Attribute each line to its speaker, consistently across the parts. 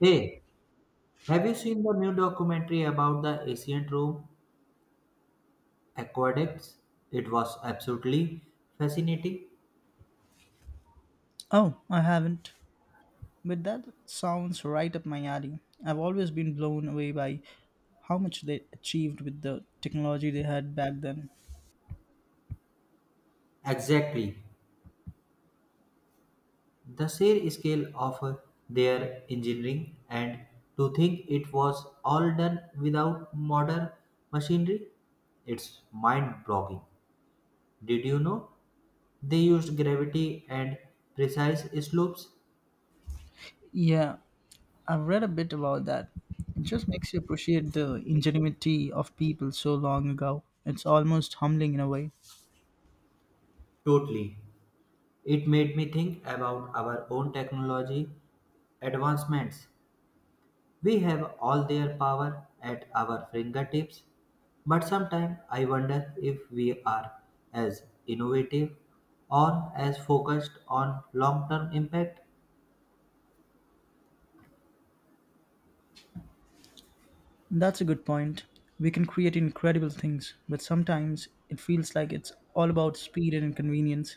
Speaker 1: Hey, have you seen the new documentary about the ancient Rome aqueducts? It was absolutely fascinating.
Speaker 2: Oh, I haven't. But that sounds right up my alley. I've always been blown away by how much they achieved with the technology they had back then.
Speaker 1: Exactly. The sheer scale of their engineering and to think it was all done without modern machinery, it's mind-boggling. Did you know they used gravity and precise slopes?
Speaker 2: Yeah, I've read a bit about that. It just makes you appreciate the ingenuity of people so long ago. It's almost humbling in a way.
Speaker 1: Totally. It made me think about our own technology advancements. We have all their power at our fingertips, but sometimes I wonder if we are as innovative or as focused on long term impact.
Speaker 2: That's a good point. We can create incredible things, but sometimes it feels like it's all about speed and convenience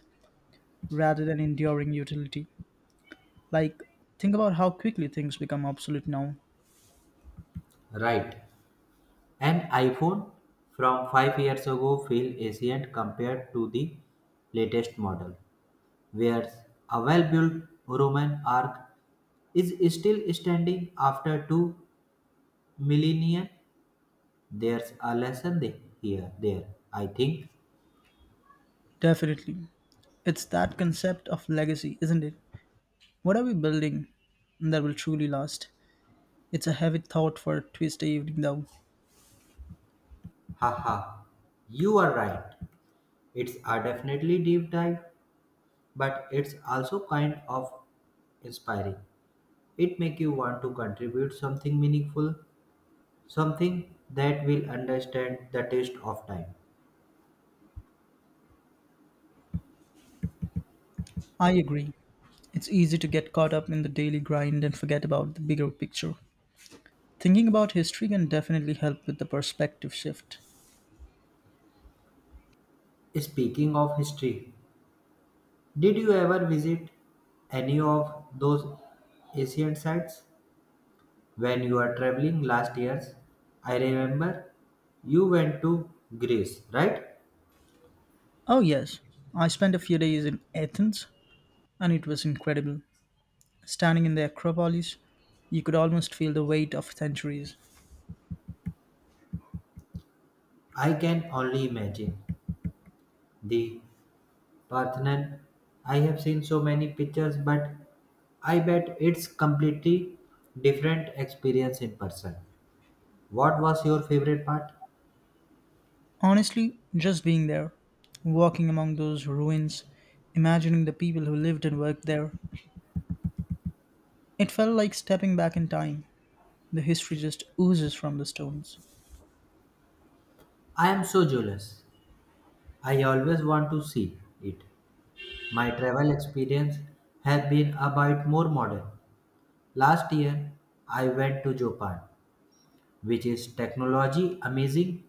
Speaker 2: rather than enduring utility. Like, think about how quickly things become obsolete now.
Speaker 1: Right. An iPhone from 5 years ago feels ancient compared to the latest model, where a well built Roman arch is still standing after two millennia. There's a lesson there, I think.
Speaker 2: Definitely. It's that concept of legacy, isn't it? What are we building that will truly last? It's a heavy thought for a Tuesday evening, though.
Speaker 1: Haha, you are right. It's a definitely deep dive, but it's also kind of inspiring. It makes you want to contribute something meaningful, something that will understand the test of time.
Speaker 2: I agree. It's easy to get caught up in the daily grind and forget about the bigger picture. Thinking about history can definitely help with the perspective shift.
Speaker 1: Speaking of history, did you ever visit any of those Asian sites when you were traveling last years? I remember you went to Greece, right?
Speaker 2: Oh, yes. I spent a few days in Athens, and it was incredible. Standing in the Acropolis, you could almost feel the weight of centuries.
Speaker 1: I can only imagine the Parthenon. I have seen so many pictures, but I bet it's completely different experience in person. What was your favorite part?
Speaker 2: Honestly, just being there, walking among those ruins, imagining the people who lived and worked there, it felt like stepping back in time. The history just oozes from the stones.
Speaker 1: I am so jealous. I always want to see it. My travel experience have been a bit more modern. Last year, I went to Japan, which is technology amazing,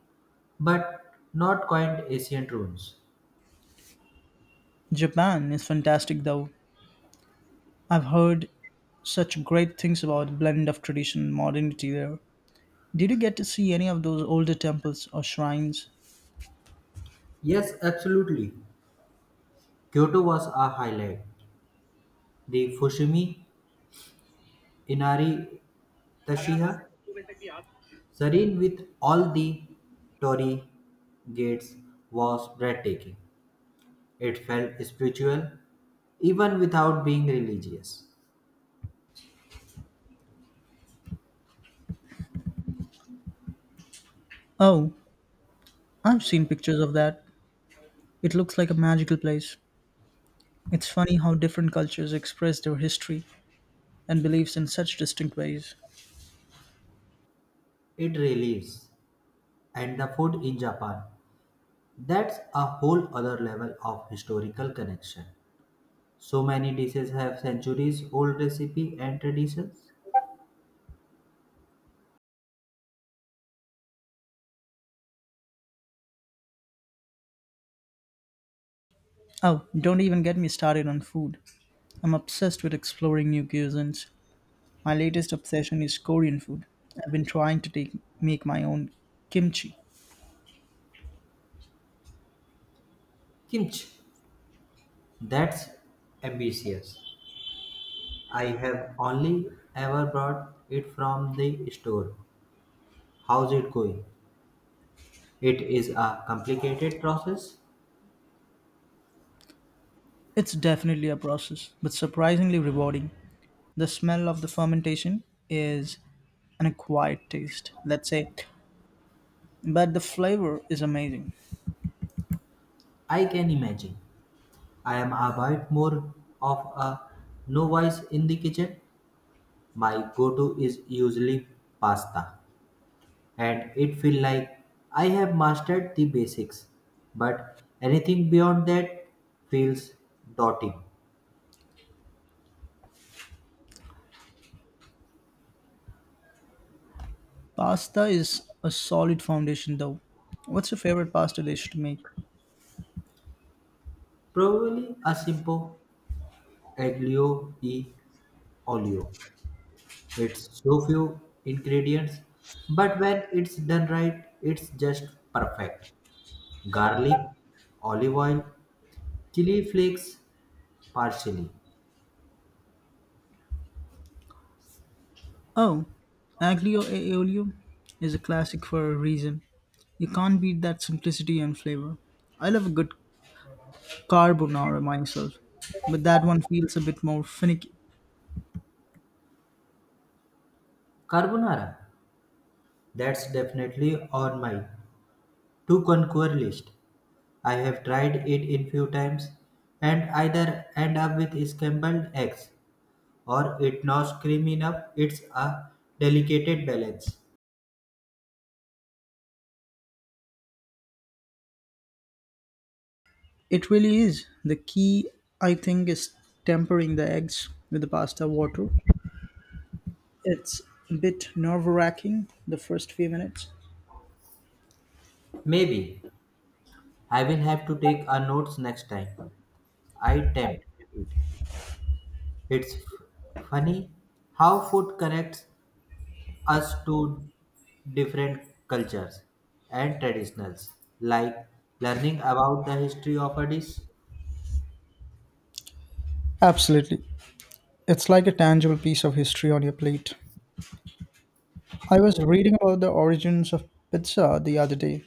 Speaker 1: but not quite ancient ruins.
Speaker 2: Japan is fantastic though. I've heard such great things about the blend of tradition and modernity there. Did you get to see any of those older temples or shrines?
Speaker 1: Yes, absolutely. Kyoto was a highlight. The Fushimi Inari The Shia, serene with all the Torii gates, was breathtaking. It felt spiritual, even without being religious.
Speaker 2: Oh, I've seen pictures of that. It looks like a magical place. It's funny how different cultures express their history and beliefs in such distinct ways.
Speaker 1: It relieves, and the food in Japan. That's a whole other level of historical connection. So many dishes have centuries old recipe and traditions.
Speaker 2: Oh, don't even get me started on food. I'm obsessed with exploring new cuisines. My latest obsession is Korean food. I've been trying to make my own kimchi.
Speaker 1: Kimchi, that's ambitious. I have only ever brought it from the store. How's it going? It is a complicated process.
Speaker 2: It's definitely a process, but surprisingly rewarding. The smell of the fermentation is an acquired taste, let's say, but the flavor is amazing.
Speaker 1: I can imagine. I am a bit more of a novice in the kitchen. My go-to is usually pasta, and it feels like I have mastered the basics, but anything beyond that feels daunting.
Speaker 2: Pasta is a solid foundation though. What's your favorite pasta dish to make?
Speaker 1: Probably a simple aglio e olio. It's so few ingredients, but when it's done right, it's just perfect. Garlic, olive oil, chili flakes, parsley.
Speaker 2: Oh, Aglio e Olio is a classic for a reason. You can't beat that simplicity and flavor. I love a good carbonara myself, but that one feels a bit more finicky.
Speaker 1: Carbonara. That's definitely on my to conquer list. I have tried it in few times and either end up with scrambled eggs or it not creamy enough. It's a delicate balance.
Speaker 2: It really is. The key, I think, is tempering the eggs with the pasta water. It's a bit nerve wracking the first few minutes.
Speaker 1: Maybe I will have to take our notes next time. I tempt it. It's funny how food connects us to different cultures and traditionals, like learning about the history of a dish,
Speaker 2: Absolutely. It's like a tangible piece of history on your plate. I was reading about the origins of pizza the other day,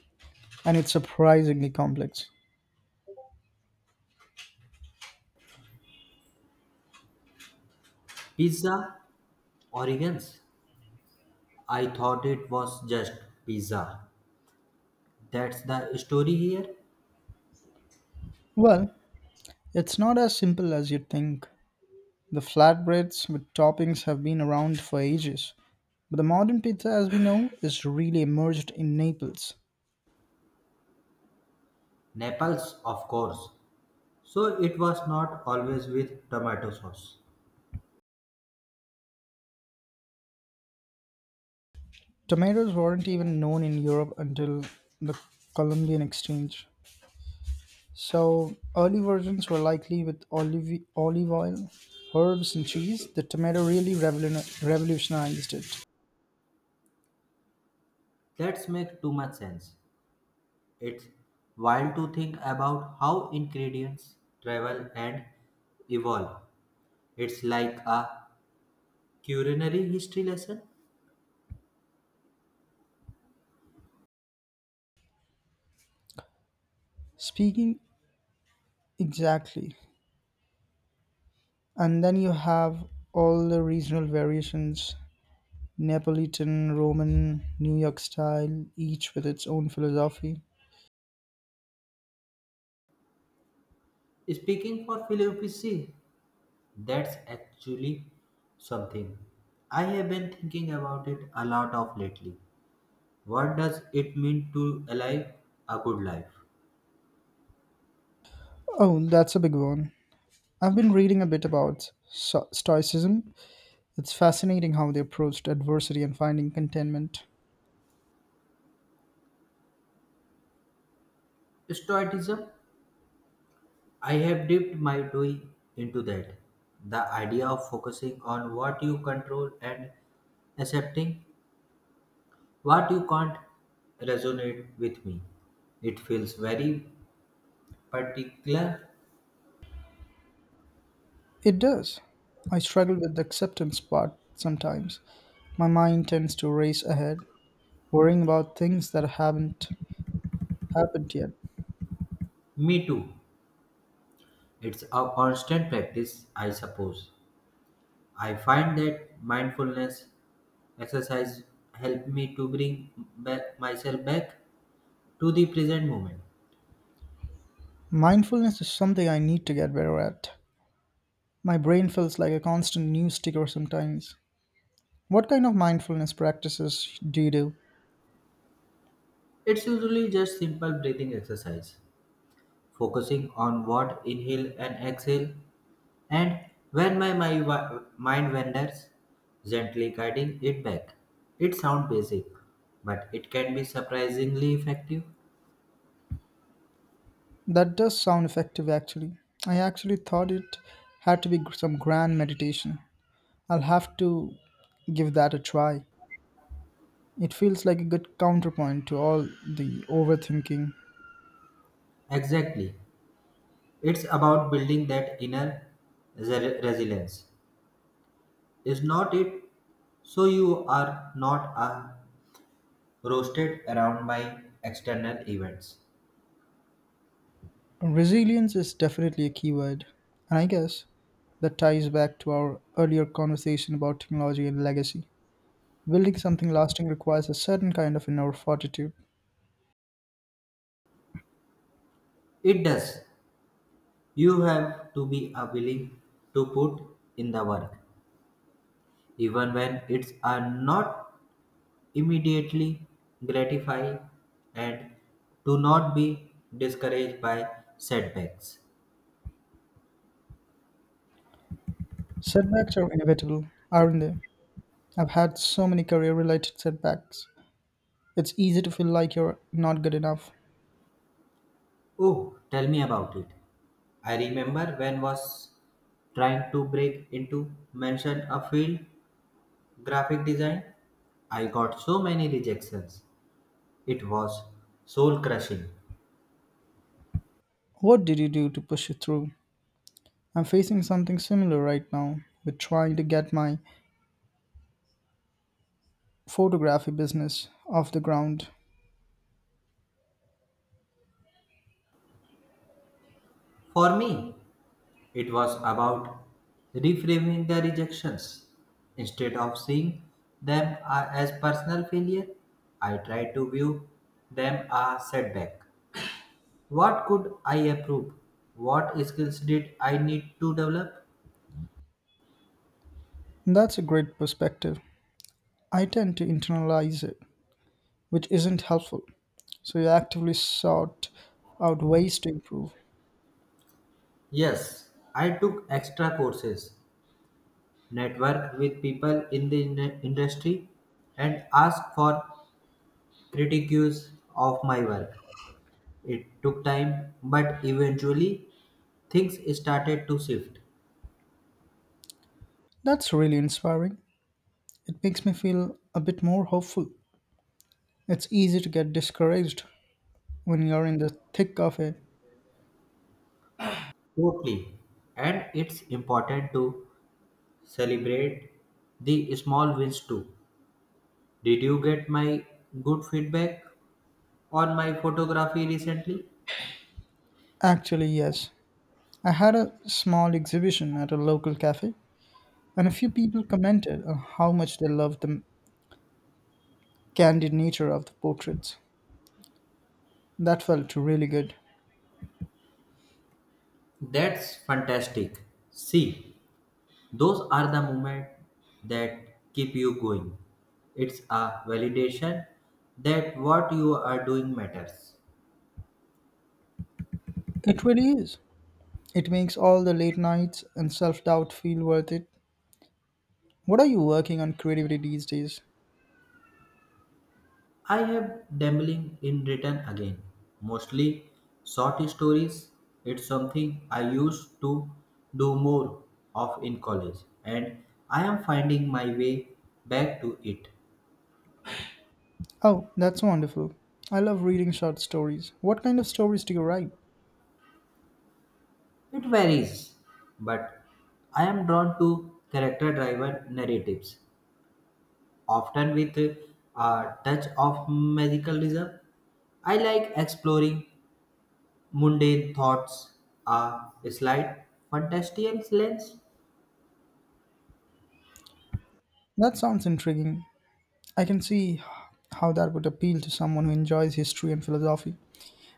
Speaker 2: and it's surprisingly complex.
Speaker 1: pizza, origins. I thought it was just pizza. That's the story here.
Speaker 2: Well, it's not as simple as you'd think. The flatbreads with toppings have been around for ages, but the modern pizza as we know is really emerged in Naples.
Speaker 1: Naples, of course. So it was not always with tomato sauce.
Speaker 2: Tomatoes weren't even known in Europe until the Columbian Exchange. So, early versions were likely with olive, olive oil, herbs, and cheese. The tomato really revolutionized it.
Speaker 1: That's make too much sense. It's wild to think about how ingredients travel and evolve. It's like a culinary history lesson.
Speaker 2: Speaking exactly. And then you have all the regional variations Neapolitan, Roman, New York style, each with its own philosophy.
Speaker 1: Speaking for Philippici, that's actually something. I have been thinking about it a lot of lately. What does it mean to alive a good life?
Speaker 2: Oh, that's a big one. I've been reading a bit about Stoicism. It's fascinating how they approached adversity and finding contentment.
Speaker 1: Stoicism, I have dipped my toe into that. The idea of focusing on what you control and accepting what you can't resonate with me. It feels very particular.
Speaker 2: It does. I struggle with the acceptance part sometimes. My mind tends to race ahead, worrying about things that haven't happened yet.
Speaker 1: Me too. It's a constant practice, I suppose. I find that mindfulness exercise help me to bring back myself back to the present moment.
Speaker 2: Mindfulness is something I need to get better at. My brain feels like a constant news ticker sometimes. What kind of mindfulness practices do you do?
Speaker 1: It's usually just simple breathing exercise, focusing on what inhale and exhale, and when my mind wanders, gently guiding it back. It sounds basic, but it can be surprisingly effective.
Speaker 2: That does sound effective actually. I actually thought it had to be some grand meditation. I'll have to give that a try. It feels like a good counterpoint to all the overthinking.
Speaker 1: Exactly. It's about building that inner resilience. Is not it? So you are not roasted around by external events.
Speaker 2: Resilience is definitely a keyword, and I guess that ties back to our earlier conversation about technology and legacy. Building something lasting requires a certain kind of inner fortitude.
Speaker 1: It does. You have to be willing to put in the work, even when it's not immediately gratifying, and do not be discouraged by setbacks.
Speaker 2: Setbacks are inevitable, aren't they? I've had so many career related setbacks. It's easy to feel like you're not good enough.
Speaker 1: Oh, tell me about it. I remember when was trying to break into mention a field. Graphic design, I got so many rejections. It was soul crushing.
Speaker 2: What did you do to push you through? I'm facing something similar right now with trying to get my photography business off the ground.
Speaker 1: For me, it was about reframing the rejections. Instead of seeing them as personal failure, I tried to view them as setback. What could I improve? What skills did I need to develop?
Speaker 2: That's a great perspective. I tend to internalize it, which isn't helpful. So you actively sought out ways to improve.
Speaker 1: Yes, I took extra courses, networked with people in the industry, and asked for critiques of my work. It took time, but eventually things started to shift.
Speaker 2: That's really inspiring. It makes me feel a bit more hopeful. It's easy to get discouraged when you're in the thick of it.
Speaker 1: Totally. And it's important to celebrate the small wins too. Did you get my good feedback on my photography recently?
Speaker 2: Actually, yes. I had a small exhibition at a local cafe, and a few people commented on how much they loved the candid nature of the portraits. That felt really good.
Speaker 1: That's fantastic. See, those are the moments that keep you going. It's a validation that what you are doing matters.
Speaker 2: It really is. It makes all the late nights and self doubt feel worth it. What are you working on creatively these days?
Speaker 1: I have dabbling in written again, mostly short stories. It's something I used to do more of in college, and I am finding my way back to it.
Speaker 2: Oh, that's wonderful. I love reading short stories. What kind of stories do you write?
Speaker 1: It varies, but I am drawn to character-driven narratives, often with a touch of magicalism. I like exploring mundane thoughts, a slight fantastical lens.
Speaker 2: That sounds intriguing. I can see how that would appeal to someone who enjoys history and philosophy.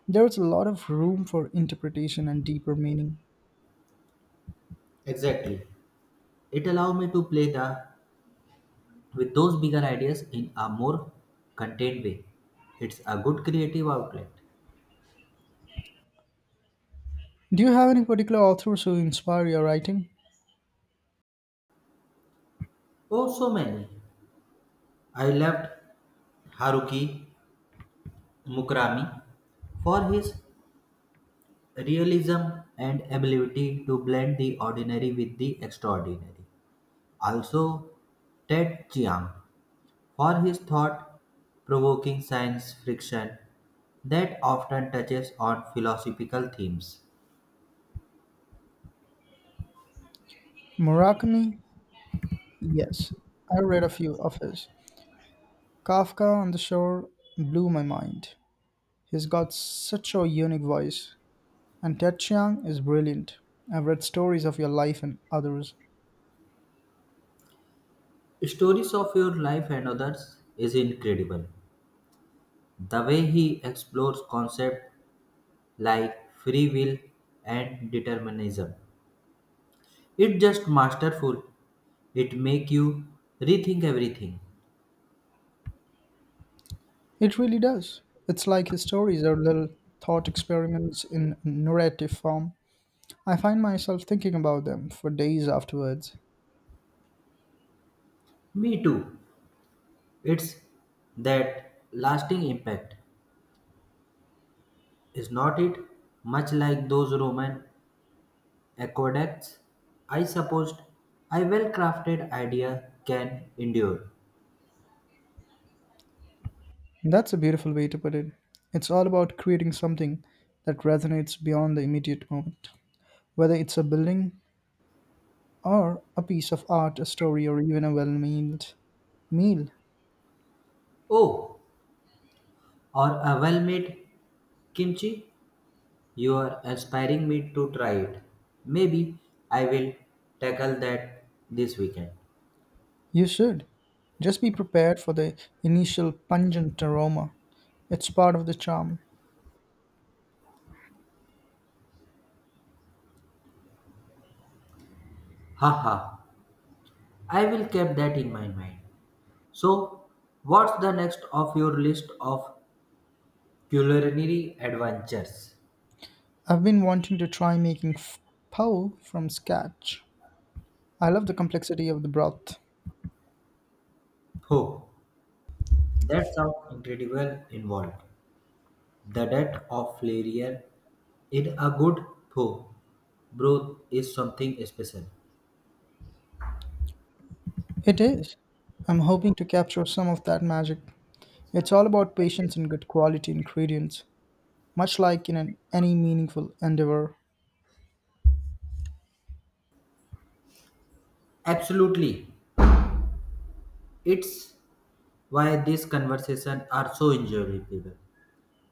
Speaker 2: There's a lot of room for interpretation and deeper meaning.
Speaker 1: Exactly. It allowed me to play the with those bigger ideas in a more contained way. It's a good creative outlet.
Speaker 2: Do you have any particular authors who inspire your writing?
Speaker 1: Oh, so many. I loved Haruki Murakami for his realism and ability to blend the ordinary with the extraordinary. Also, Ted Chiang for his thought provoking science fiction that often touches on philosophical themes.
Speaker 2: Murakami? Yes, I read a few of his. Kafka on the Shore blew my mind. He's got such a unique voice. And Ted Chiang is brilliant. I've read stories of your life and others.
Speaker 1: Stories of Your Life and Others is incredible. The way he explores concepts like free will and determinism. It's just masterful. It make you rethink everything.
Speaker 2: It really does. It's like his stories are little thought experiments in narrative form. I find myself thinking about them for days afterwards.
Speaker 1: Me too. It's that lasting impact, is not it? Much like those Roman aqueducts, I supposed a well crafted idea can endure.
Speaker 2: That's a beautiful way to put it. It's all about creating something that resonates beyond the immediate moment, whether it's a building or a piece of art, a story, or even a well mealed meal.
Speaker 1: Oh, or a well made kimchi. You are inspiring me to try it. Maybe I will tackle that this weekend.
Speaker 2: You should. Just be prepared for the initial pungent aroma. It's part of the charm.
Speaker 1: Haha. I will keep that in my mind. So, what's the next of your list of culinary adventures?
Speaker 2: I've been wanting to try making pho from scratch. I love the complexity of the broth.
Speaker 1: Oh, that sounds incredible involved. The death of Flarier in a good pho broth is something special.
Speaker 2: It is. I'm hoping to capture some of that magic. It's all about patience and good quality ingredients, much like any meaningful endeavor.
Speaker 1: Absolutely. It's why these conversations are so enjoyable.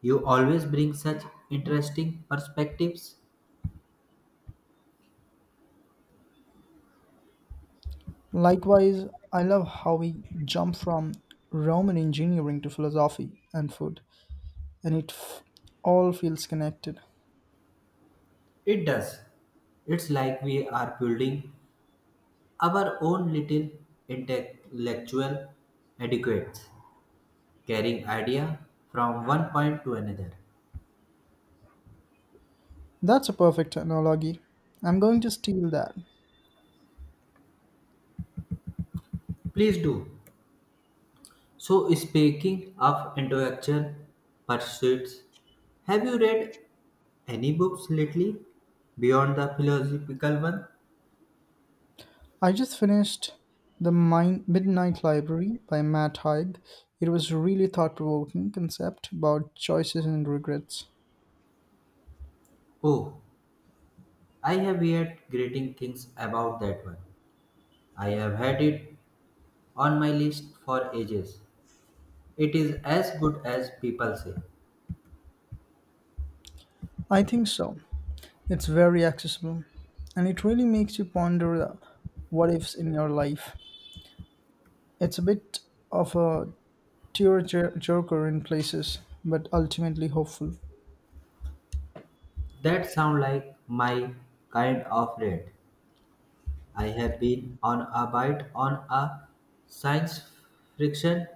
Speaker 1: You always bring such interesting perspectives.
Speaker 2: Likewise, I love how we jump from Roman engineering to philosophy and food, and all feels connected.
Speaker 1: It does. It's like we are building our own little intellectual etiquettes, carrying idea from one point to another.
Speaker 2: That's a perfect analogy. I'm going to steal that.
Speaker 1: Please do. So, speaking of intellectual pursuits, have you read any books lately beyond the philosophical one?
Speaker 2: I just finished Midnight Library by Matt Haig. It was a really thought-provoking concept about choices and regrets.
Speaker 1: Oh, I have heard great things about that one. I have had it on my list for ages. It is as good as people say.
Speaker 2: I think so. It's very accessible, and it really makes you ponder the what ifs in your life. It's a bit of a tearjerker in places, but ultimately hopeful.
Speaker 1: That sound like my kind of read. I have been on a bite on a science fiction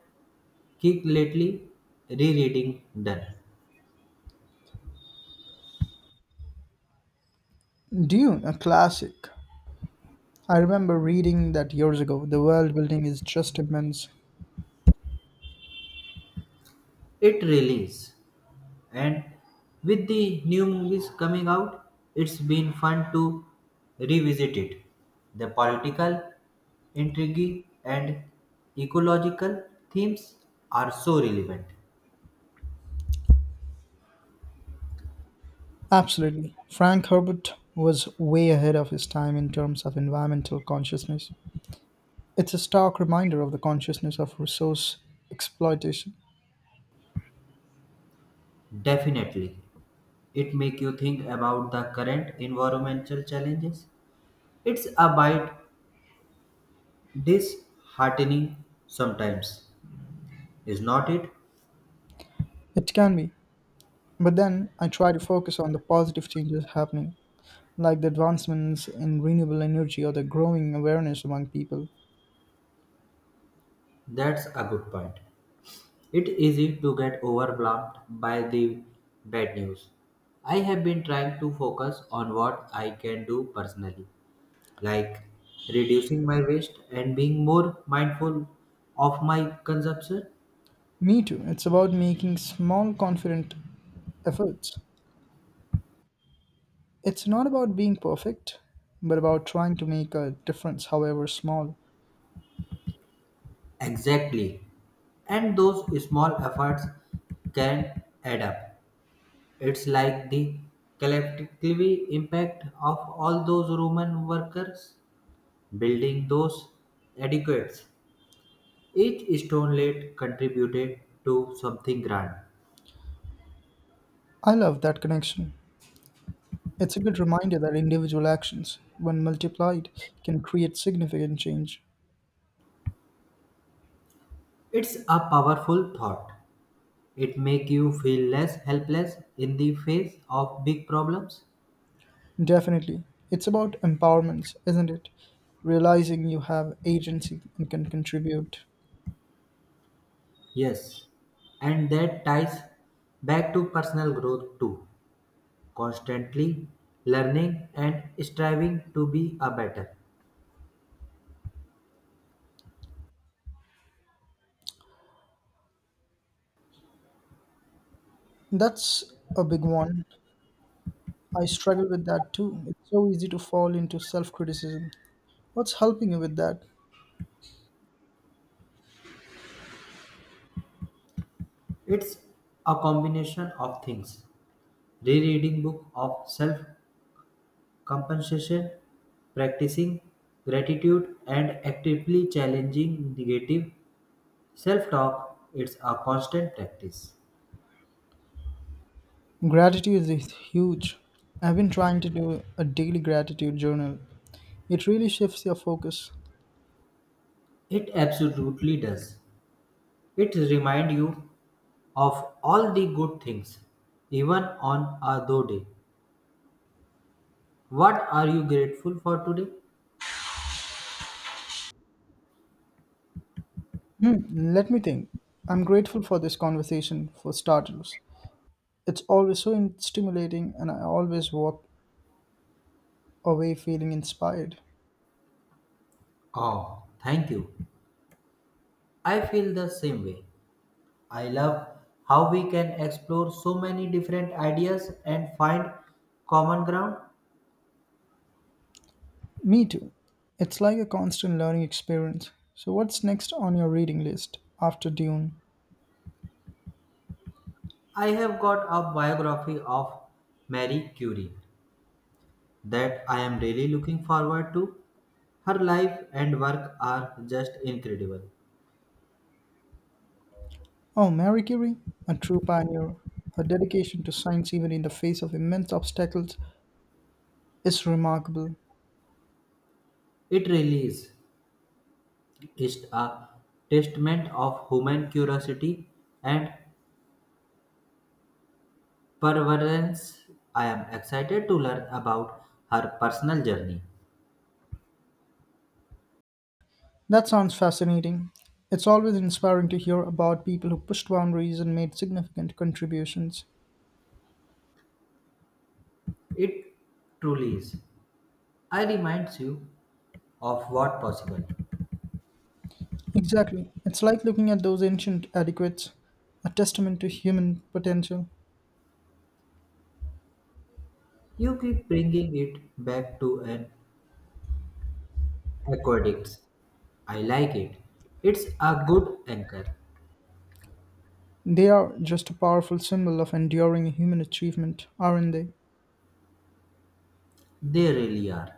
Speaker 1: kick lately, rereading done.
Speaker 2: Dune, a classic. I remember reading that years ago. The world building is just immense.
Speaker 1: It release and with the new movies coming out, it's been fun to revisit it. The political intrigue and ecological themes are so relevant.
Speaker 2: Absolutely. Frank Herbert was way ahead of his time in terms of environmental consciousness. It's a stark reminder of the consciousness of resource exploitation.
Speaker 1: Definitely. It make you think about the current environmental challenges. It's a bit disheartening sometimes, is not it?
Speaker 2: It can be, but then I try to focus on the positive changes happening, like the advancements in renewable energy or the growing awareness among people.
Speaker 1: That's a good point. It's easy to get overwhelmed by the bad news. I have been trying to focus on what I can do personally, like reducing my waste and being more mindful of my consumption.
Speaker 2: Me too. It's about making small, confident efforts. It's not about being perfect, but about trying to make a difference, however small.
Speaker 1: Exactly. And those small efforts can add up. It's like the collectively impact of all those Roman workers building those adequates. Each stone laid contributed to something grand.
Speaker 2: I love that connection. It's a good reminder that individual actions, when multiplied, can create significant change.
Speaker 1: It's a powerful thought. It makes you feel less helpless in the face of big problems.
Speaker 2: Definitely. It's about empowerment, isn't it? Realizing you have agency and can contribute.
Speaker 1: Yes. And that ties back to personal growth too. Constantly learning and striving to be a better.
Speaker 2: That's a big one. I struggle with that too. It's so easy to fall into self criticism. What's helping you with that?
Speaker 1: It's a combination of things, rereading book of self compensation, practicing gratitude, and actively challenging negative self talk. It's a constant practice.
Speaker 2: Gratitude is huge. I've been trying to do a daily gratitude journal. It really shifts your focus.
Speaker 1: It absolutely does. It reminds you of all the good things, even on a low day. What are you grateful for today?
Speaker 2: Hmm, let me think. I'm grateful for this conversation, for starters. It's always so stimulating, and I always walk away feeling inspired.
Speaker 1: Oh, thank you. I feel the same way. I love how we can explore so many different ideas and find common ground.
Speaker 2: Me too. It's like a constant learning experience. So, what's next on your reading list after Dune?
Speaker 1: I have got a biography of Marie Curie that I am really looking forward to. Her life and work are just incredible.
Speaker 2: Oh, Mary Curie, a true pioneer. Her dedication to science, even in the face of immense obstacles, is remarkable.
Speaker 1: It really is. It's a testament of human curiosity and perseverance. I am excited to learn about her personal journey.
Speaker 2: That sounds fascinating. It's always inspiring to hear about people who pushed boundaries and made significant contributions.
Speaker 1: It truly is. I reminds you of what possible.
Speaker 2: Exactly. It's like looking at those ancient adequates, a testament to human potential.
Speaker 1: You keep bringing it back to an aqueduct. I like it. It's a good anchor.
Speaker 2: They are just a powerful symbol of enduring human achievement, aren't they?
Speaker 1: They really are.